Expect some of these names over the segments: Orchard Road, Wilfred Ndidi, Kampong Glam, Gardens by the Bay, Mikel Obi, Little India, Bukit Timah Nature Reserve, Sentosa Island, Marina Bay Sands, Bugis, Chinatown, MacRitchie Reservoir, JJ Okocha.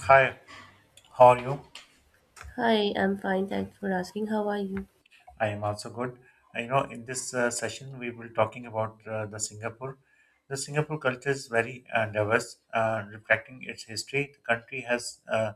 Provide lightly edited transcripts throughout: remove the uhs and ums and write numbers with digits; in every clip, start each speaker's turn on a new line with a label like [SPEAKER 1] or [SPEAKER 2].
[SPEAKER 1] Hi, how are you?
[SPEAKER 2] Hi, I'm fine. Thanks for asking. How are you?
[SPEAKER 1] I am also good. I know in this session we will talking about the Singapore. The Singapore culture is very diverse, reflecting its history. The country has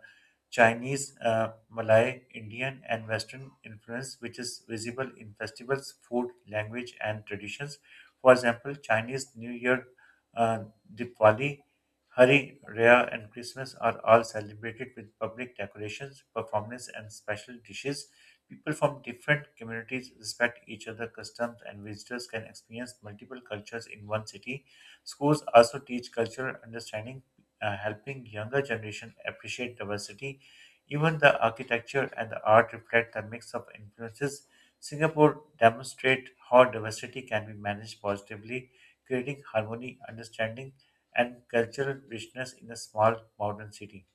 [SPEAKER 1] Chinese, Malay, Indian, and Western influence, which is visible in festivals, food, language, and traditions. For example, Chinese New Year, uh, Diwali, Hari Raya, and Christmas are all celebrated with public decorations, performances, and special dishes. People from different communities respect each other's customs, and visitors can experience multiple cultures in one city. Schools also teach cultural understanding, helping younger generation appreciate diversity. Even the architecture and the art reflect the mix of influences. Singapore demonstrate how diversity can be managed positively, creating harmony, understanding, and cultural richness in a small modern city.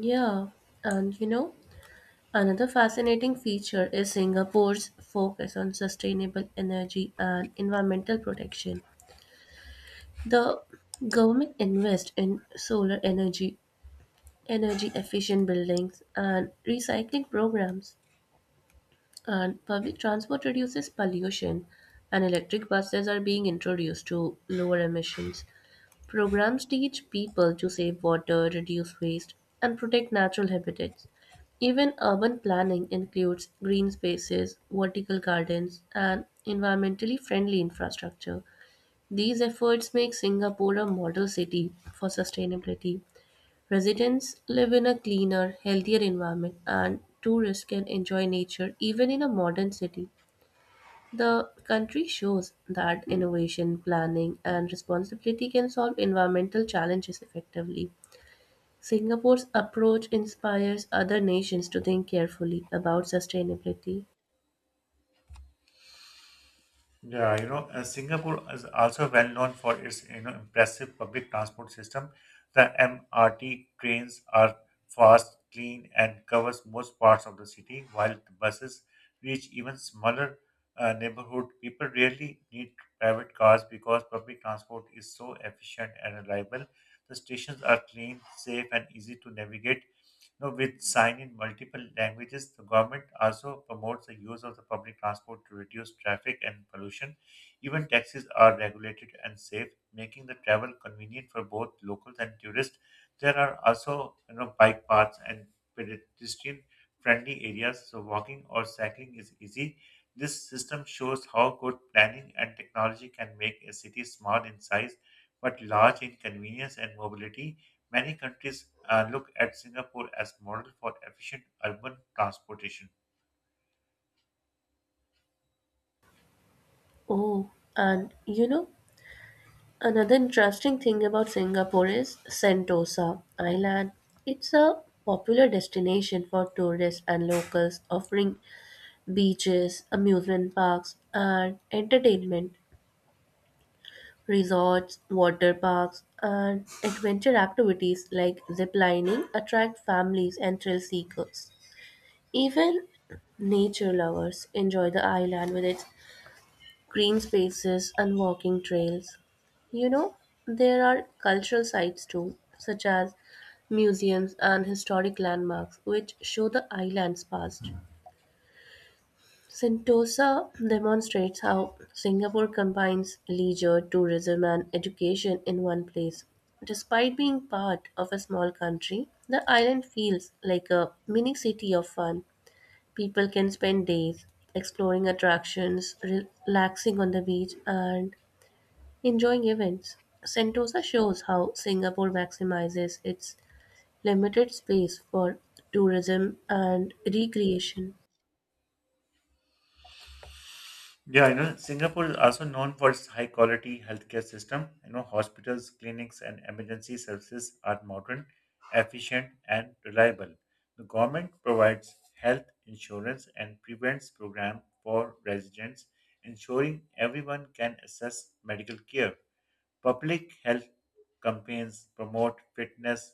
[SPEAKER 2] Yeah, and you know, another fascinating feature is Singapore's focus on sustainable energy and environmental protection. The government invests in solar energy, energy efficient buildings, and recycling programs, and public transport reduces pollution, and electric buses are being introduced to lower emissions. Programs teach people to save water, reduce waste, and protect natural habitats. Even urban planning includes green spaces, vertical gardens, and environmentally friendly infrastructure. These efforts make Singapore a model city for sustainability. Residents live in a cleaner, healthier environment, and tourists can enjoy nature even in a modern city. The country shows that innovation, planning, and responsibility can solve environmental challenges effectively. Singapore's approach inspires other nations to think carefully about sustainability.
[SPEAKER 1] Yeah, Singapore is also well known for its impressive public transport system. The MRT trains are fast, clean, and covers most parts of the city, while the buses reach even smaller neighborhood. People rarely need private cars because public transport is so efficient and reliable. The stations are clean, safe, and easy to navigate. You know, with sign in multiple languages, the government also promotes the use of the public transport to reduce traffic and pollution. Even taxis are regulated and safe, making the travel convenient for both locals and tourists. There are also bike paths and pedestrian friendly areas, so walking or cycling is easy. This system shows how good planning and technology can make a city small in size but large in convenience and mobility. Many countries look at Singapore as model for efficient urban transportation.
[SPEAKER 2] Oh, and you know, another interesting thing about Singapore is Sentosa Island. It's a popular destination for tourists and locals, offering beaches, amusement parks, and entertainment. Resorts, water parks, and adventure activities like zip lining attract families and thrill seekers. Even nature lovers enjoy the island with its green spaces and walking trails. You know, there are cultural sites too, such as museums and historic landmarks, which show the island's past. Sentosa demonstrates how Singapore combines leisure, tourism, and education in one place. Despite being part of a small country, the island feels like a mini city of fun. People can spend days exploring attractions, relaxing on the beach, and enjoying events. Sentosa shows how Singapore maximizes its limited space for tourism and recreation.
[SPEAKER 1] Yeah, you know, Singapore is also known for its high quality healthcare system. You know, hospitals, clinics, and emergency services are modern, efficient, and reliable. The government provides health insurance and prevents program for residents, ensuring everyone can access medical care. Public health campaigns promote fitness,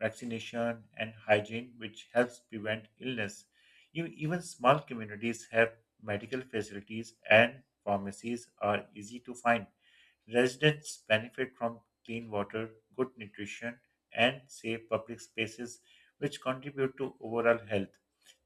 [SPEAKER 1] vaccination, and hygiene, which helps prevent illness. You, even small communities have medical facilities and pharmacies are easy to find. Residents benefit from clean water, good nutrition, and safe public spaces, which contribute to overall health.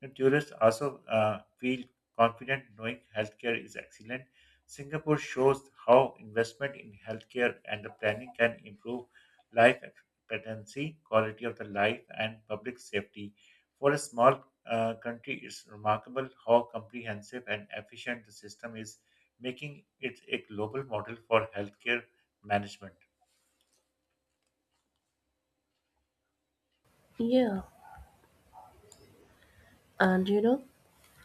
[SPEAKER 1] The tourists also feel confident knowing healthcare is excellent. Singapore shows how investment in healthcare and the planning can improve life competency, quality of the life, and public safety. For a small country, it's remarkable how comprehensive and efficient the system is, making it a global model for healthcare management.
[SPEAKER 2] Yeah, and you know,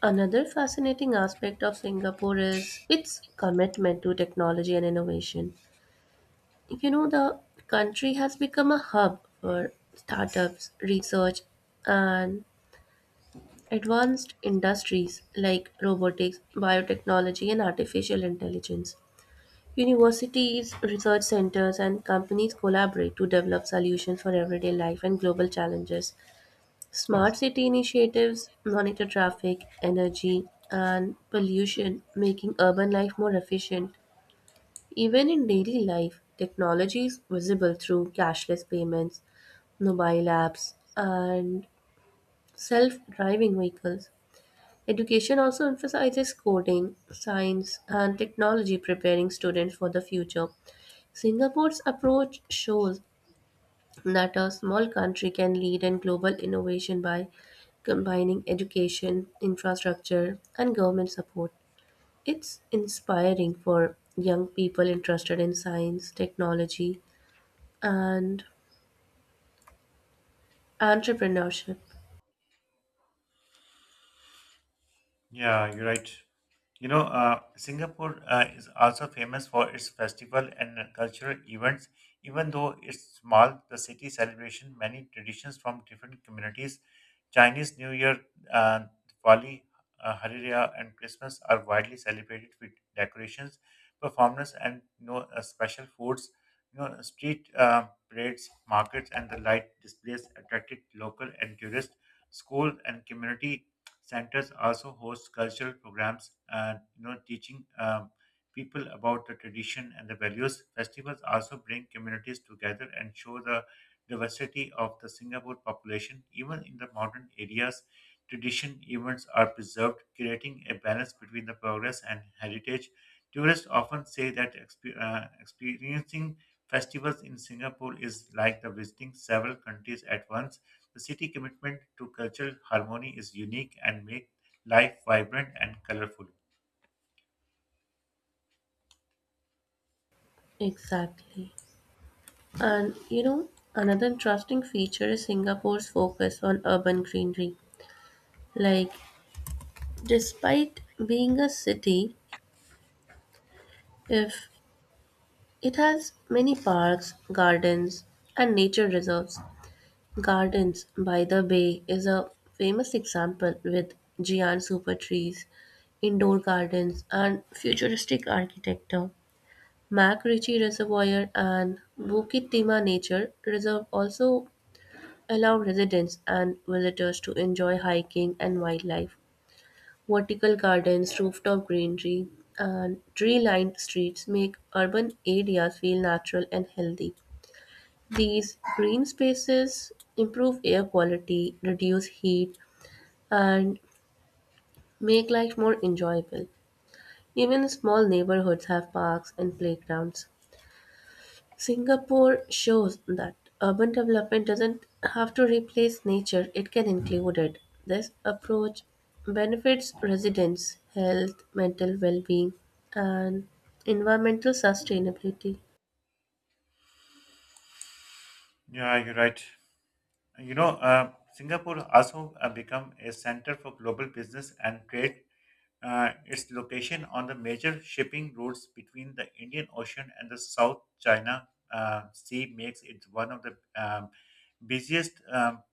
[SPEAKER 2] another fascinating aspect of Singapore is its commitment to technology and innovation. You know, the country has become a hub for startups, research, and advanced industries like robotics, biotechnology, and artificial intelligence. Universities, research centers, and companies collaborate to develop solutions for everyday life and global challenges. Smart city initiatives monitor traffic, energy, and pollution, making urban life more efficient. Even in daily life, technology is visible through cashless payments, mobile apps, and self driving vehicles. Education also emphasizes coding, science, and technology, preparing students for the future. Singapore's approach shows that a small country can lead in global innovation by combining education, infrastructure, and government support. It's inspiring for young people interested in science, technology, and entrepreneurship.
[SPEAKER 1] Yeah, you're right. Singapore is also famous for its festival and cultural events. Even though it's small, the city celebration many traditions from different communities. Chinese New Year, uh, Diwali, Hariya, and Christmas are widely celebrated with decorations, performances, and special foods. You know, street parades, markets, and the light displays attracted local and tourists. School and community centers also host cultural programs, teaching people about the tradition and the values. Festivals also bring communities together and show the diversity of the Singapore population. Even in the modern areas, tradition events are preserved, creating a balance between the progress and heritage. Tourists often say that experiencing festivals in Singapore is like the visiting several countries at once the city commitment to cultural harmony is unique and make life vibrant and colorful.
[SPEAKER 2] Exactly. And you know, another interesting feature is Singapore's focus on urban greenery. Like, despite being a city, if it has many parks, gardens, and nature reserves, Gardens by the Bay is a famous example with giant super trees, indoor gardens, and futuristic architecture. MacRitchie Reservoir and Bukit Timah Nature Reserve also allow residents and visitors to enjoy hiking and wildlife. Vertical gardens, rooftop greenery, and tree lined streets make urban areas feel natural and healthy. These green spaces improve air quality, reduce heat, and make life more enjoyable. Even small neighborhoods have parks and playgrounds. Singapore shows that urban development doesn't have to replace nature, it can include it. This approach benefits residents' health, mental well being, and environmental sustainability.
[SPEAKER 1] Yeah, you're right. Singapore also become a center for global business and trade. Its location on the major shipping routes between the Indian Ocean and the South China Sea makes it one of the busiest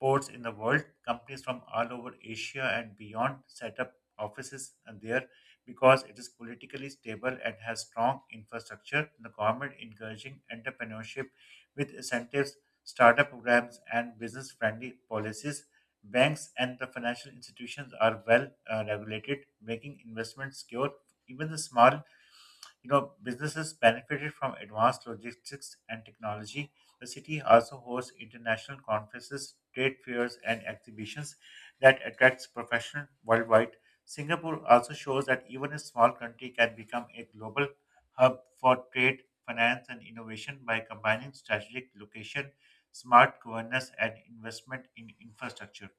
[SPEAKER 1] ports in the world. Companies from all over Asia and beyond set up offices there because it is politically stable and has strong infrastructure. The government encouraging entrepreneurship with incentives, startup programs, and business friendly policies. Banks and the financial institutions are well regulated, making investments secure. Even the small businesses benefited from advanced logistics and technology. The city also hosts international conferences, trade fairs, and exhibitions that attracts professionals worldwide. Singapore also shows that even a small country can become a global hub for trade, finance, and innovation by combining strategic location, smart governance, and investment in infrastructure.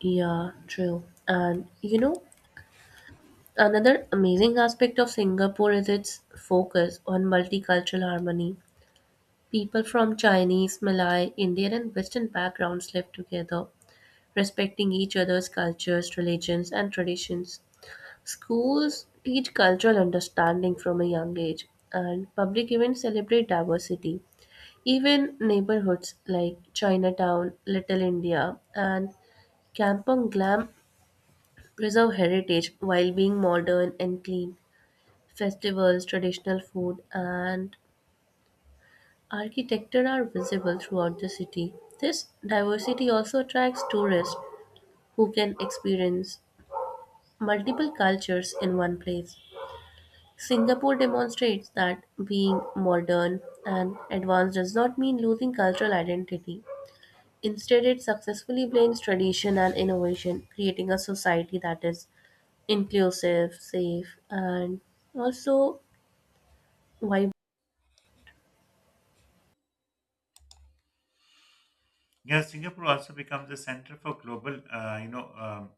[SPEAKER 2] Yeah, true. And you know, another amazing aspect of Singapore is its focus on multicultural harmony. People from Chinese, Malay, Indian, and Western backgrounds live together, respecting each other's cultures, religions, and traditions. Schools teach cultural understanding from a young age, and public events celebrate diversity. Even neighborhoods like Chinatown, Little India, and Kampong Glam preserve heritage while being modern and clean. Festivals, traditional food, and architecture are visible throughout the city. This diversity also attracts tourists who can experience multiple cultures in one place. Singapore demonstrates that being modern and advanced does not mean losing cultural identity. Instead, it successfully blends tradition and innovation, creating a society that is inclusive, safe, and also vibrant.
[SPEAKER 1] Yeah, Singapore also becomes a center for global,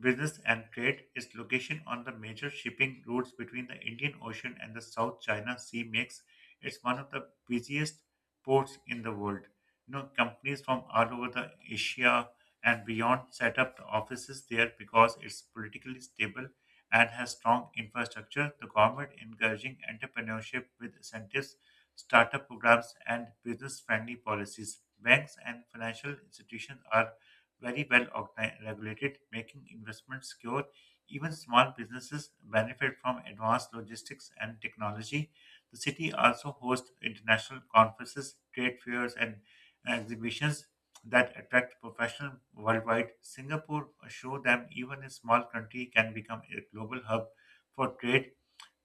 [SPEAKER 1] business and trade. Its location on the major shipping routes between the Indian Ocean and the South China Sea makes it one of the busiest ports in the world. You know, companies from all over the Asia and beyond set up the offices there because it's politically stable and has strong infrastructure. The government encouraging entrepreneurship with incentives startup programs, and business friendly policies. Banks and financial institutions are very well regulated, making investments secure. Even small businesses benefit from advanced logistics and technology. The city also hosts international conferences, trade fairs, and exhibitions that attract professionals worldwide. Singapore show them even a small country can become a global hub for trade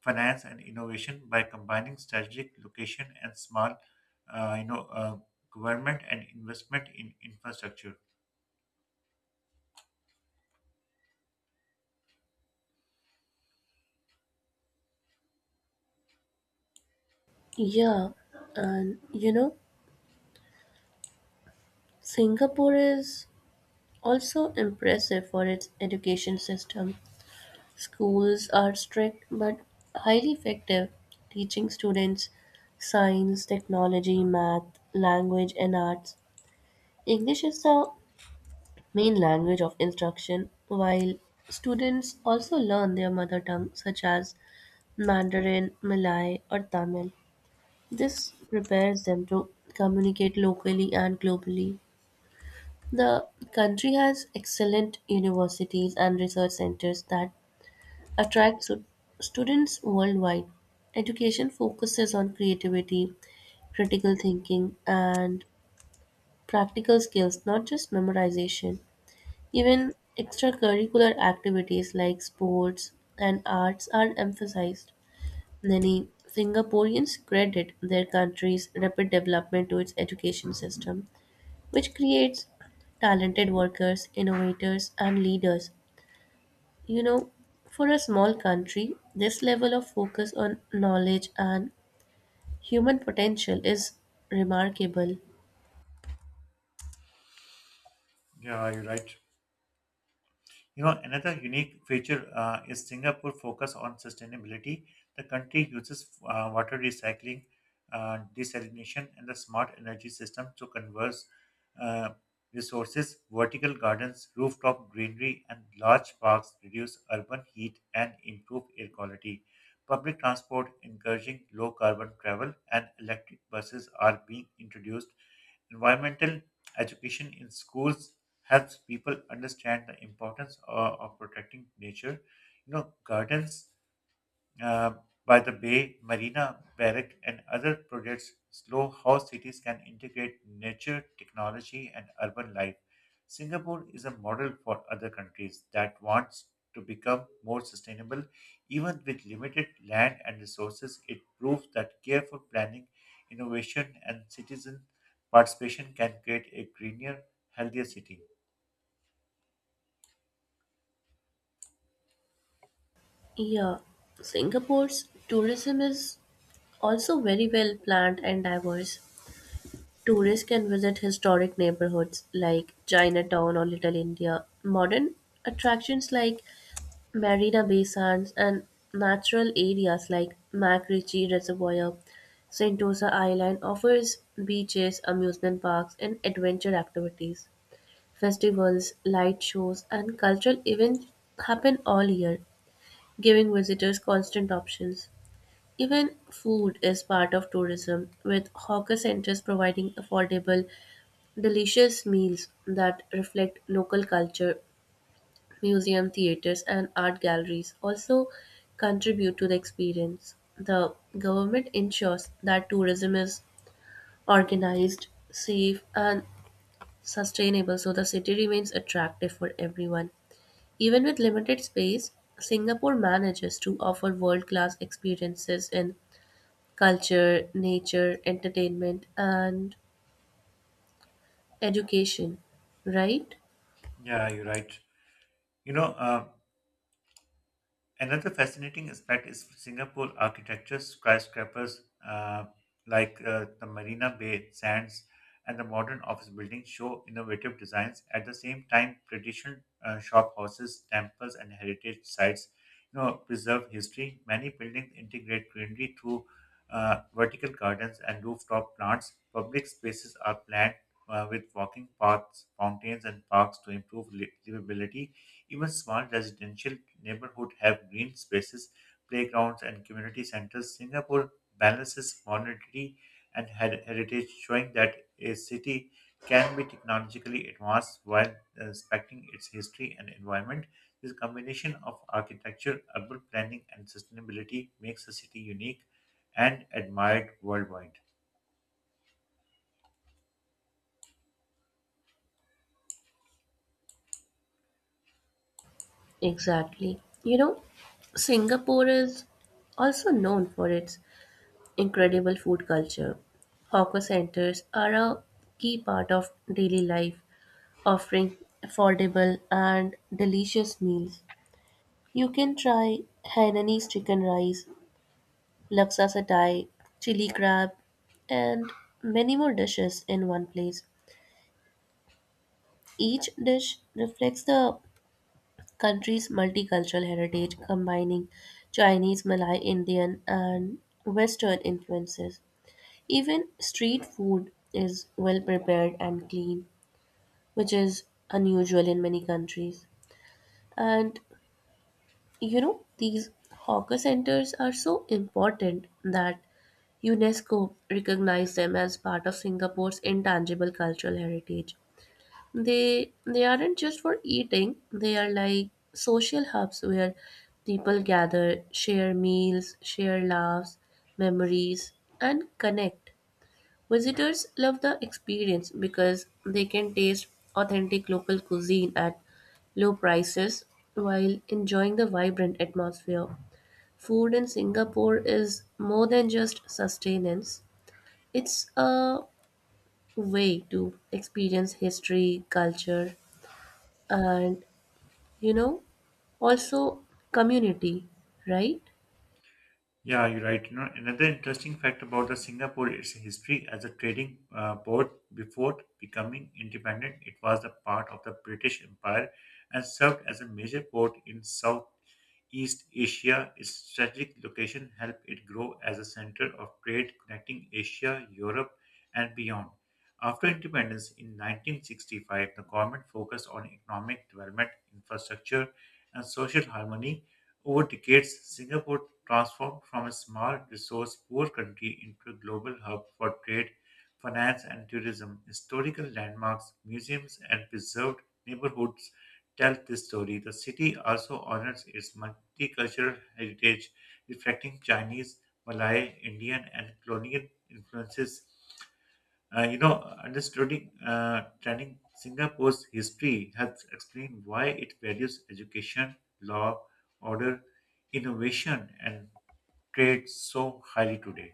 [SPEAKER 1] finance and innovation by combining strategic location and small, uh, you know, uh, government and investment in infrastructure.
[SPEAKER 2] Yeah, and you know, Singapore is also impressive for its education system. Schools are strict but highly effective, teaching students science, technology, math, language, and arts. English is the main language of instruction, while students also learn their mother tongue, such as Mandarin, Malay, or Tamil. This prepares them to communicate locally and globally. The country has excellent universities and research centers that attract students worldwide. Education focuses on creativity, critical thinking, and practical skills, not just memorization. Even extracurricular activities like sports and arts are emphasized. Many Singaporeans credit their country's rapid development to its education system which creates talented workers, innovators, and leaders. You know, for a small country, this level of focus on knowledge and human potential is remarkable.
[SPEAKER 1] Yeah, you're right. You know, Another unique feature is Singapore focus on sustainability. The country uses water recycling, desalination, and the smart energy system to conserve uh, resources. Vertical gardens, rooftop greenery, and large parks reduce urban heat and improve air quality. Public transport encouraging low carbon travel and electric buses are being introduced. Environmental education in schools helps people understand the importance of protecting nature. You know, gardens uh, by the bay, marina, barrack, and other projects slow how cities can integrate nature, technology, and urban life. Singapore is a model for other countries that wants to become more sustainable. Even with limited land and resources, it proves that careful planning, innovation, and citizen participation can create a greener, healthier city.
[SPEAKER 2] Yeah, Singapore's tourism is also very well planned and diverse. Tourists can visit historic neighborhoods like Chinatown or Little India, modern attractions like Marina Bay Sands and natural areas like MacRitchie Reservoir, Sentosa Island offers beaches, amusement parks, and adventure activities. Festivals, light shows, and cultural events happen all year, giving visitors constant options. Even food is part of tourism, with hawker centers providing affordable, delicious meals that reflect local culture museum, theaters, and art galleries also contribute to the experience. The government ensures that tourism is organized, safe, and sustainable so the city remains attractive for everyone. Even with limited space, Singapore manages to offer world class experiences in culture, nature, entertainment, and education, right?
[SPEAKER 1] Yeah, you're right. You know, um, Another fascinating aspect is Singapore architecture, skyscrapers the Marina Bay Sands and the modern office buildings show innovative designs. At the same time, traditional shop houses, temples, and heritage sites, preserve history. Many buildings integrate greenery through vertical gardens and rooftop plants. Public spaces are planned with walking paths, fountains, and parks to improve livability. Even small residential neighborhoods have green spaces, playgrounds, and community centers. Singapore balances modernity and heritage, showing that a city can be technologically advanced while respecting its history and environment. This combination of architecture, urban planning, and sustainability makes the city unique and admired worldwide.
[SPEAKER 2] Exactly. You know, Singapore is also known for its incredible food culture. Hawker centers are a key part of daily life, offering affordable and delicious meals. You can try Hainanese chicken rice, laksa satay, chili crab, and many more dishes in one place. Each dish reflects the country's multicultural heritage, combining Chinese, Malay, Indian, and Western influences. Even street food is well prepared and clean, which is unusual in many countries. And you know, these hawker centers are so important that UNESCO recognized them as part of Singapore's intangible cultural heritage. They aren't just for eating, they are like social hubs where people gather, share meals, share laughs, memories and connect. Visitors love the experience because they can taste authentic local cuisine at low prices while enjoying the vibrant atmosphere. Food in Singapore is more than just sustenance, it's a way to experience history, culture, and you know, also community, right?
[SPEAKER 1] Yeah, you're right. Another interesting fact about the Singapore is history as a trading port before becoming independent, it was a part of the British Empire and served as a major port in South East Asia. Its strategic location helped it grow as a center of trade connecting Asia, Europe, and beyond. After independence in 1965, the government focused on economic development, infrastructure, and social harmony. Over decades, Singapore transformed from a small, resource poor country into a global hub for trade, finance, and tourism. Historical landmarks, museums, and preserved neighborhoods tell this story. The city also honors its multicultural heritage, reflecting Chinese, Malay, Indian, and colonial influences. Uh, you know, Understanding Singapore's history helps explain why it values education, law, order, innovation, and trade so highly today.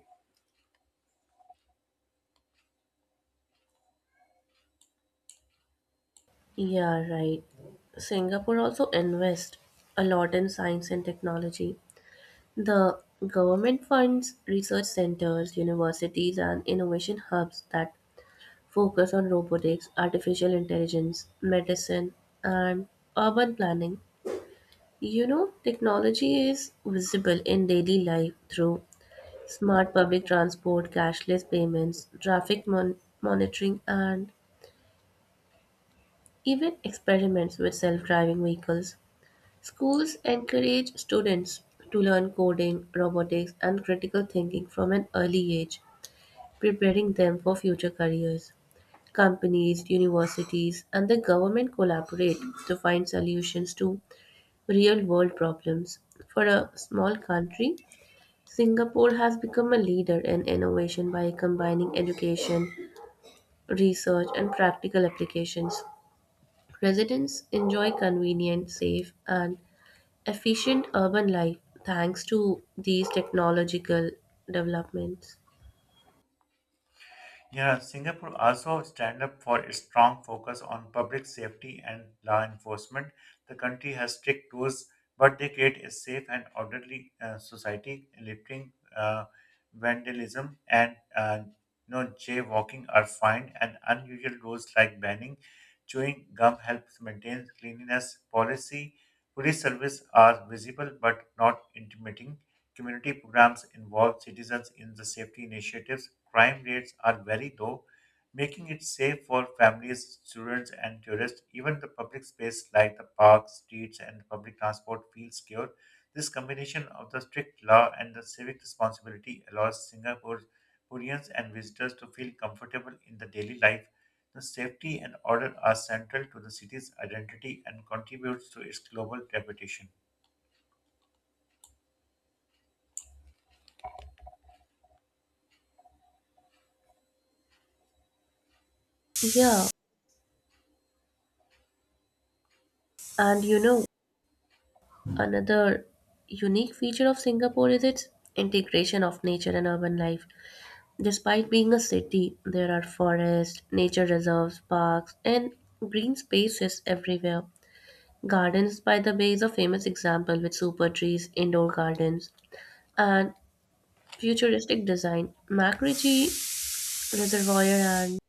[SPEAKER 2] Yeah, right. Singapore also invests a lot in science and technology. The government funds research centers, universities, and innovation hubs that focus on robotics, artificial intelligence, medicine, and urban planning. You know, technology is visible in daily life through smart public transport, cashless payments, traffic monitoring, and even experiments with self driving vehicles. Schools encourage students to learn coding, robotics, and critical thinking from an early age, preparing them for future careers. Companies, universities, and the government collaborate to find solutions to real world problems. For a small country, Singapore has become a leader in innovation by combining education, research, and practical applications. Residents enjoy convenient, safe, and efficient urban life thanks to these technological developments.
[SPEAKER 1] Yeah, Singapore also stand up for its strong focus on public safety and law enforcement. The country has strict rules, but they create a safe and orderly society. Littering, vandalism, and no jaywalking are fined, and unusual rules like banning chewing gum helps maintain cleanliness policy. Police service are visible but not intimidating. Community programs involve citizens in the safety initiatives. Crime rates are very low, making it safe for families, students, and tourists. Even the public space like the parks, streets, and public transport feels secure. This combination of the strict law and the civic responsibility allows Singaporeans and visitors to feel comfortable in the daily life. The safety and order are central to the city's identity and contributes to its global reputation.
[SPEAKER 2] Yeah, and you know, another unique feature of Singapore is its integration of nature and urban life. Despite being a city, there are forests, nature reserves, parks, and green spaces everywhere. Gardens by the Bay is a famous example with super trees, indoor gardens, and futuristic design. Macritchie Reservoir and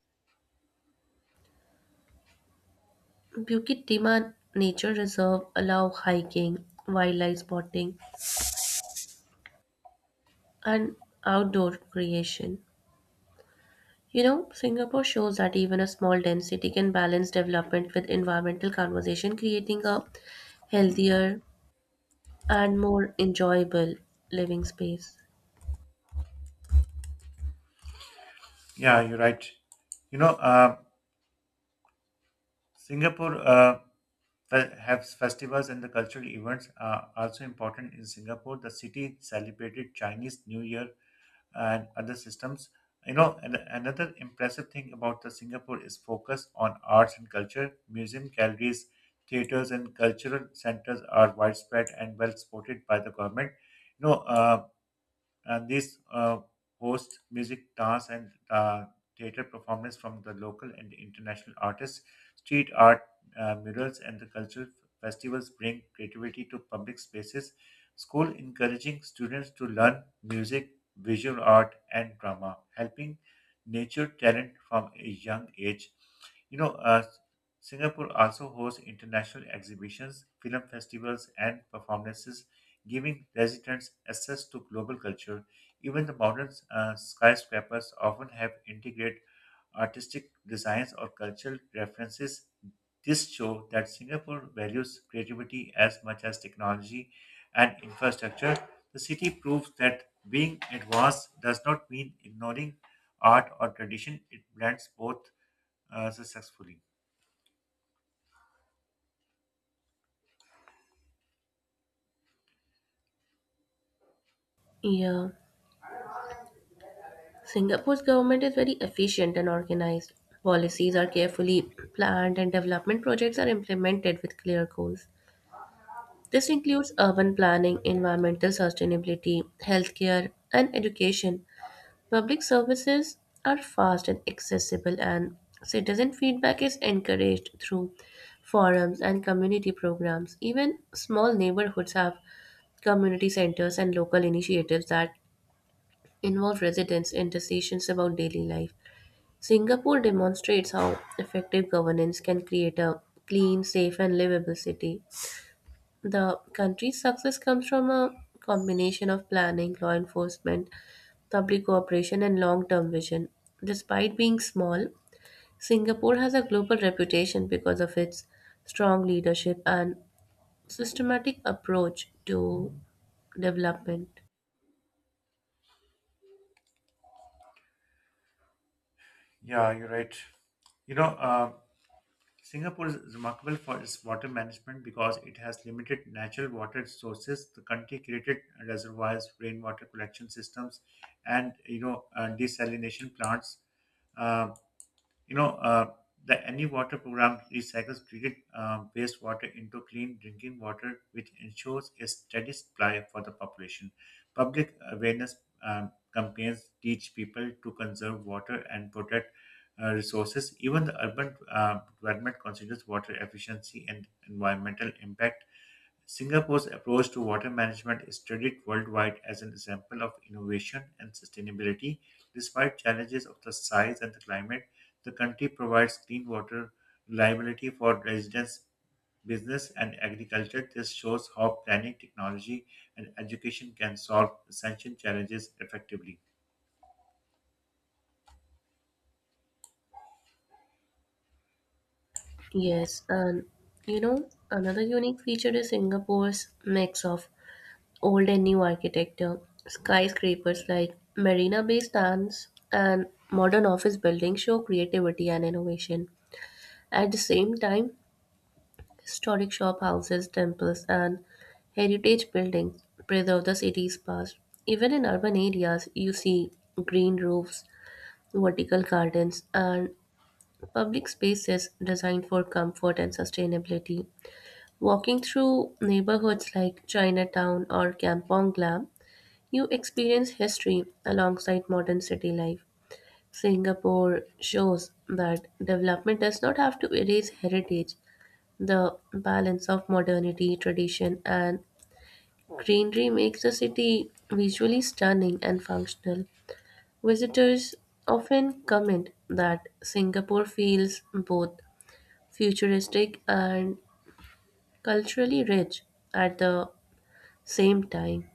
[SPEAKER 2] Bukit Timah Nature Reserve allow hiking, wildlife spotting, and outdoor creation. You know, Singapore shows that even a small dense city can balance development with environmental conversation, creating a healthier and more enjoyable living space.
[SPEAKER 1] Yeah, you're right. You know, uh, Singapore has festivals and the cultural events are also important in Singapore. The city celebrated Chinese New Year and other systems. And another impressive thing about the Singapore is focus on arts and culture. Museum galleries, theaters, and cultural centers are widespread and well supported by the government. You know, uh, and this hosts music, dance, and theater performance from the local and international artists. Street art, murals, and the cultural festivals bring creativity to public spaces. School encouraging students to learn music, visual art, and drama, helping nature talent from a young age. You know, uh, Singapore also hosts international exhibitions, film festivals, and performances giving residents access to global culture. Even the modern skyscrapers often have integrated artistic designs or cultural references. This shows that Singapore values creativity as much as technology and infrastructure. The city proves that being advanced does not mean ignoring art or tradition, it blends both successfully.
[SPEAKER 2] Yeah. Singapore's government is very efficient and organized. Policies are carefully planned and development projects are implemented with clear goals. This includes urban planning, environmental sustainability, healthcare, and education. Public services are fast and accessible, and citizen feedback is encouraged through forums and community programs. Even small neighborhoods have community centers and local initiatives that involve residents in decisions about daily life. Singapore demonstrates how effective governance can create a clean, safe, and livable city. The country's success comes from a combination of planning, law enforcement, public cooperation, and long term vision. Despite being small, Singapore has a global reputation because of its strong leadership and systematic approach to development.
[SPEAKER 1] Yeah, you're right. You know, um, Singapore is remarkable for its water management because it has limited natural water sources. The country created reservoirs, rainwater collection systems, and desalination plants. Um, you know, uh, the Any Water program recycles treated wastewater into clean drinking water, which ensures a steady supply for the population. Public awareness campaigns teach people to conserve water and protect resources. Even the urban development considers water efficiency and environmental impact. Singapore's approach to water management is studied worldwide as an example of innovation and sustainability. Despite challenges of the size and the climate, the country provides clean water reliability for residents, business, and agriculture. This shows how planning, technology, and education can solve essential challenges effectively.
[SPEAKER 2] Yes, and you know, another unique feature is Singapore's mix of old and new architecture, skyscrapers like Marina Bay Sands, and modern office buildings show creativity and innovation. At the same time, historic shop houses, temples, and heritage buildings preserve the city's past. Even in urban areas, you see green roofs, vertical gardens, and public spaces designed for comfort and sustainability. Walking through neighborhoods like Chinatown or Kampong Glam, you experience history alongside modern city life. Singapore shows that development does not have to erase heritage. The balance of modernity, tradition, and greenery makes the city visually stunning and functional. Visitors often comment that Singapore feels both futuristic and culturally rich at the same time.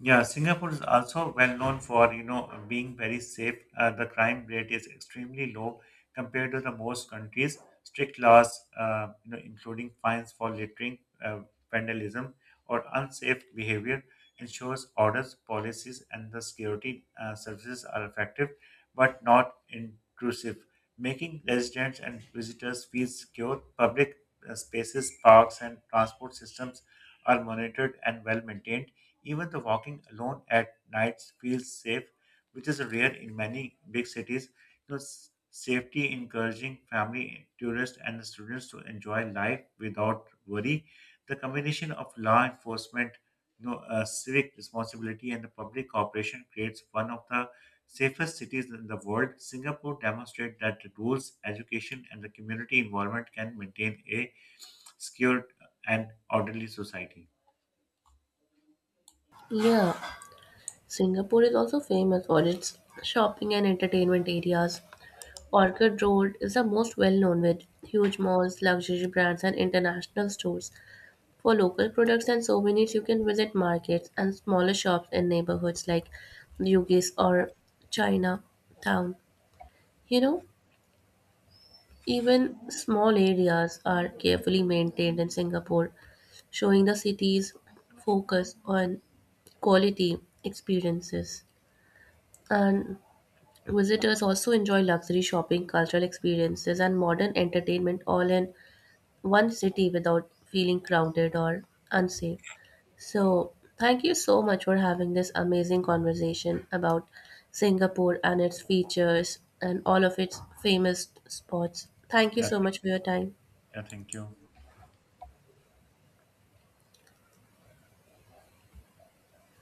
[SPEAKER 1] Yeah, Singapore is also well known for, being very safe. The crime rate is extremely low compared to the most countries. Strict laws, including fines for littering, uh, vandalism, or unsafe behavior, ensures orders, policies, and the security services are effective but not intrusive, making residents and visitors feel secure. Public spaces, parks, and transport systems are monitored and well maintained even the walking alone at nights feels safe, which is rare in many big cities. Safety encouraging family, tourists, and the students to enjoy life without worry. The combination of law enforcement, civic responsibility, and the public cooperation creates one of the safest cities in the world. Singapore demonstrates that the rules, education, and the community environment can maintain a secure and orderly society.
[SPEAKER 2] Yeah, Singapore is also famous for its shopping and entertainment areas. Orchard Road is the most well known with huge malls, luxury brands, and international stores. For local products and souvenirs, you can visit markets and smaller shops in neighborhoods like Bugis or Chinatown. You know, even small areas are carefully maintained in Singapore, showing the city's focus on quality experiences. And visitors also enjoy luxury shopping, cultural experiences, and modern entertainment all in one city without feeling crowded or unsafe. So, thank you so much for having this amazing conversation about Singapore and its features and all of its famous spots. Thank you
[SPEAKER 1] Yeah,
[SPEAKER 2] so much for your time.
[SPEAKER 1] yeah, thank you.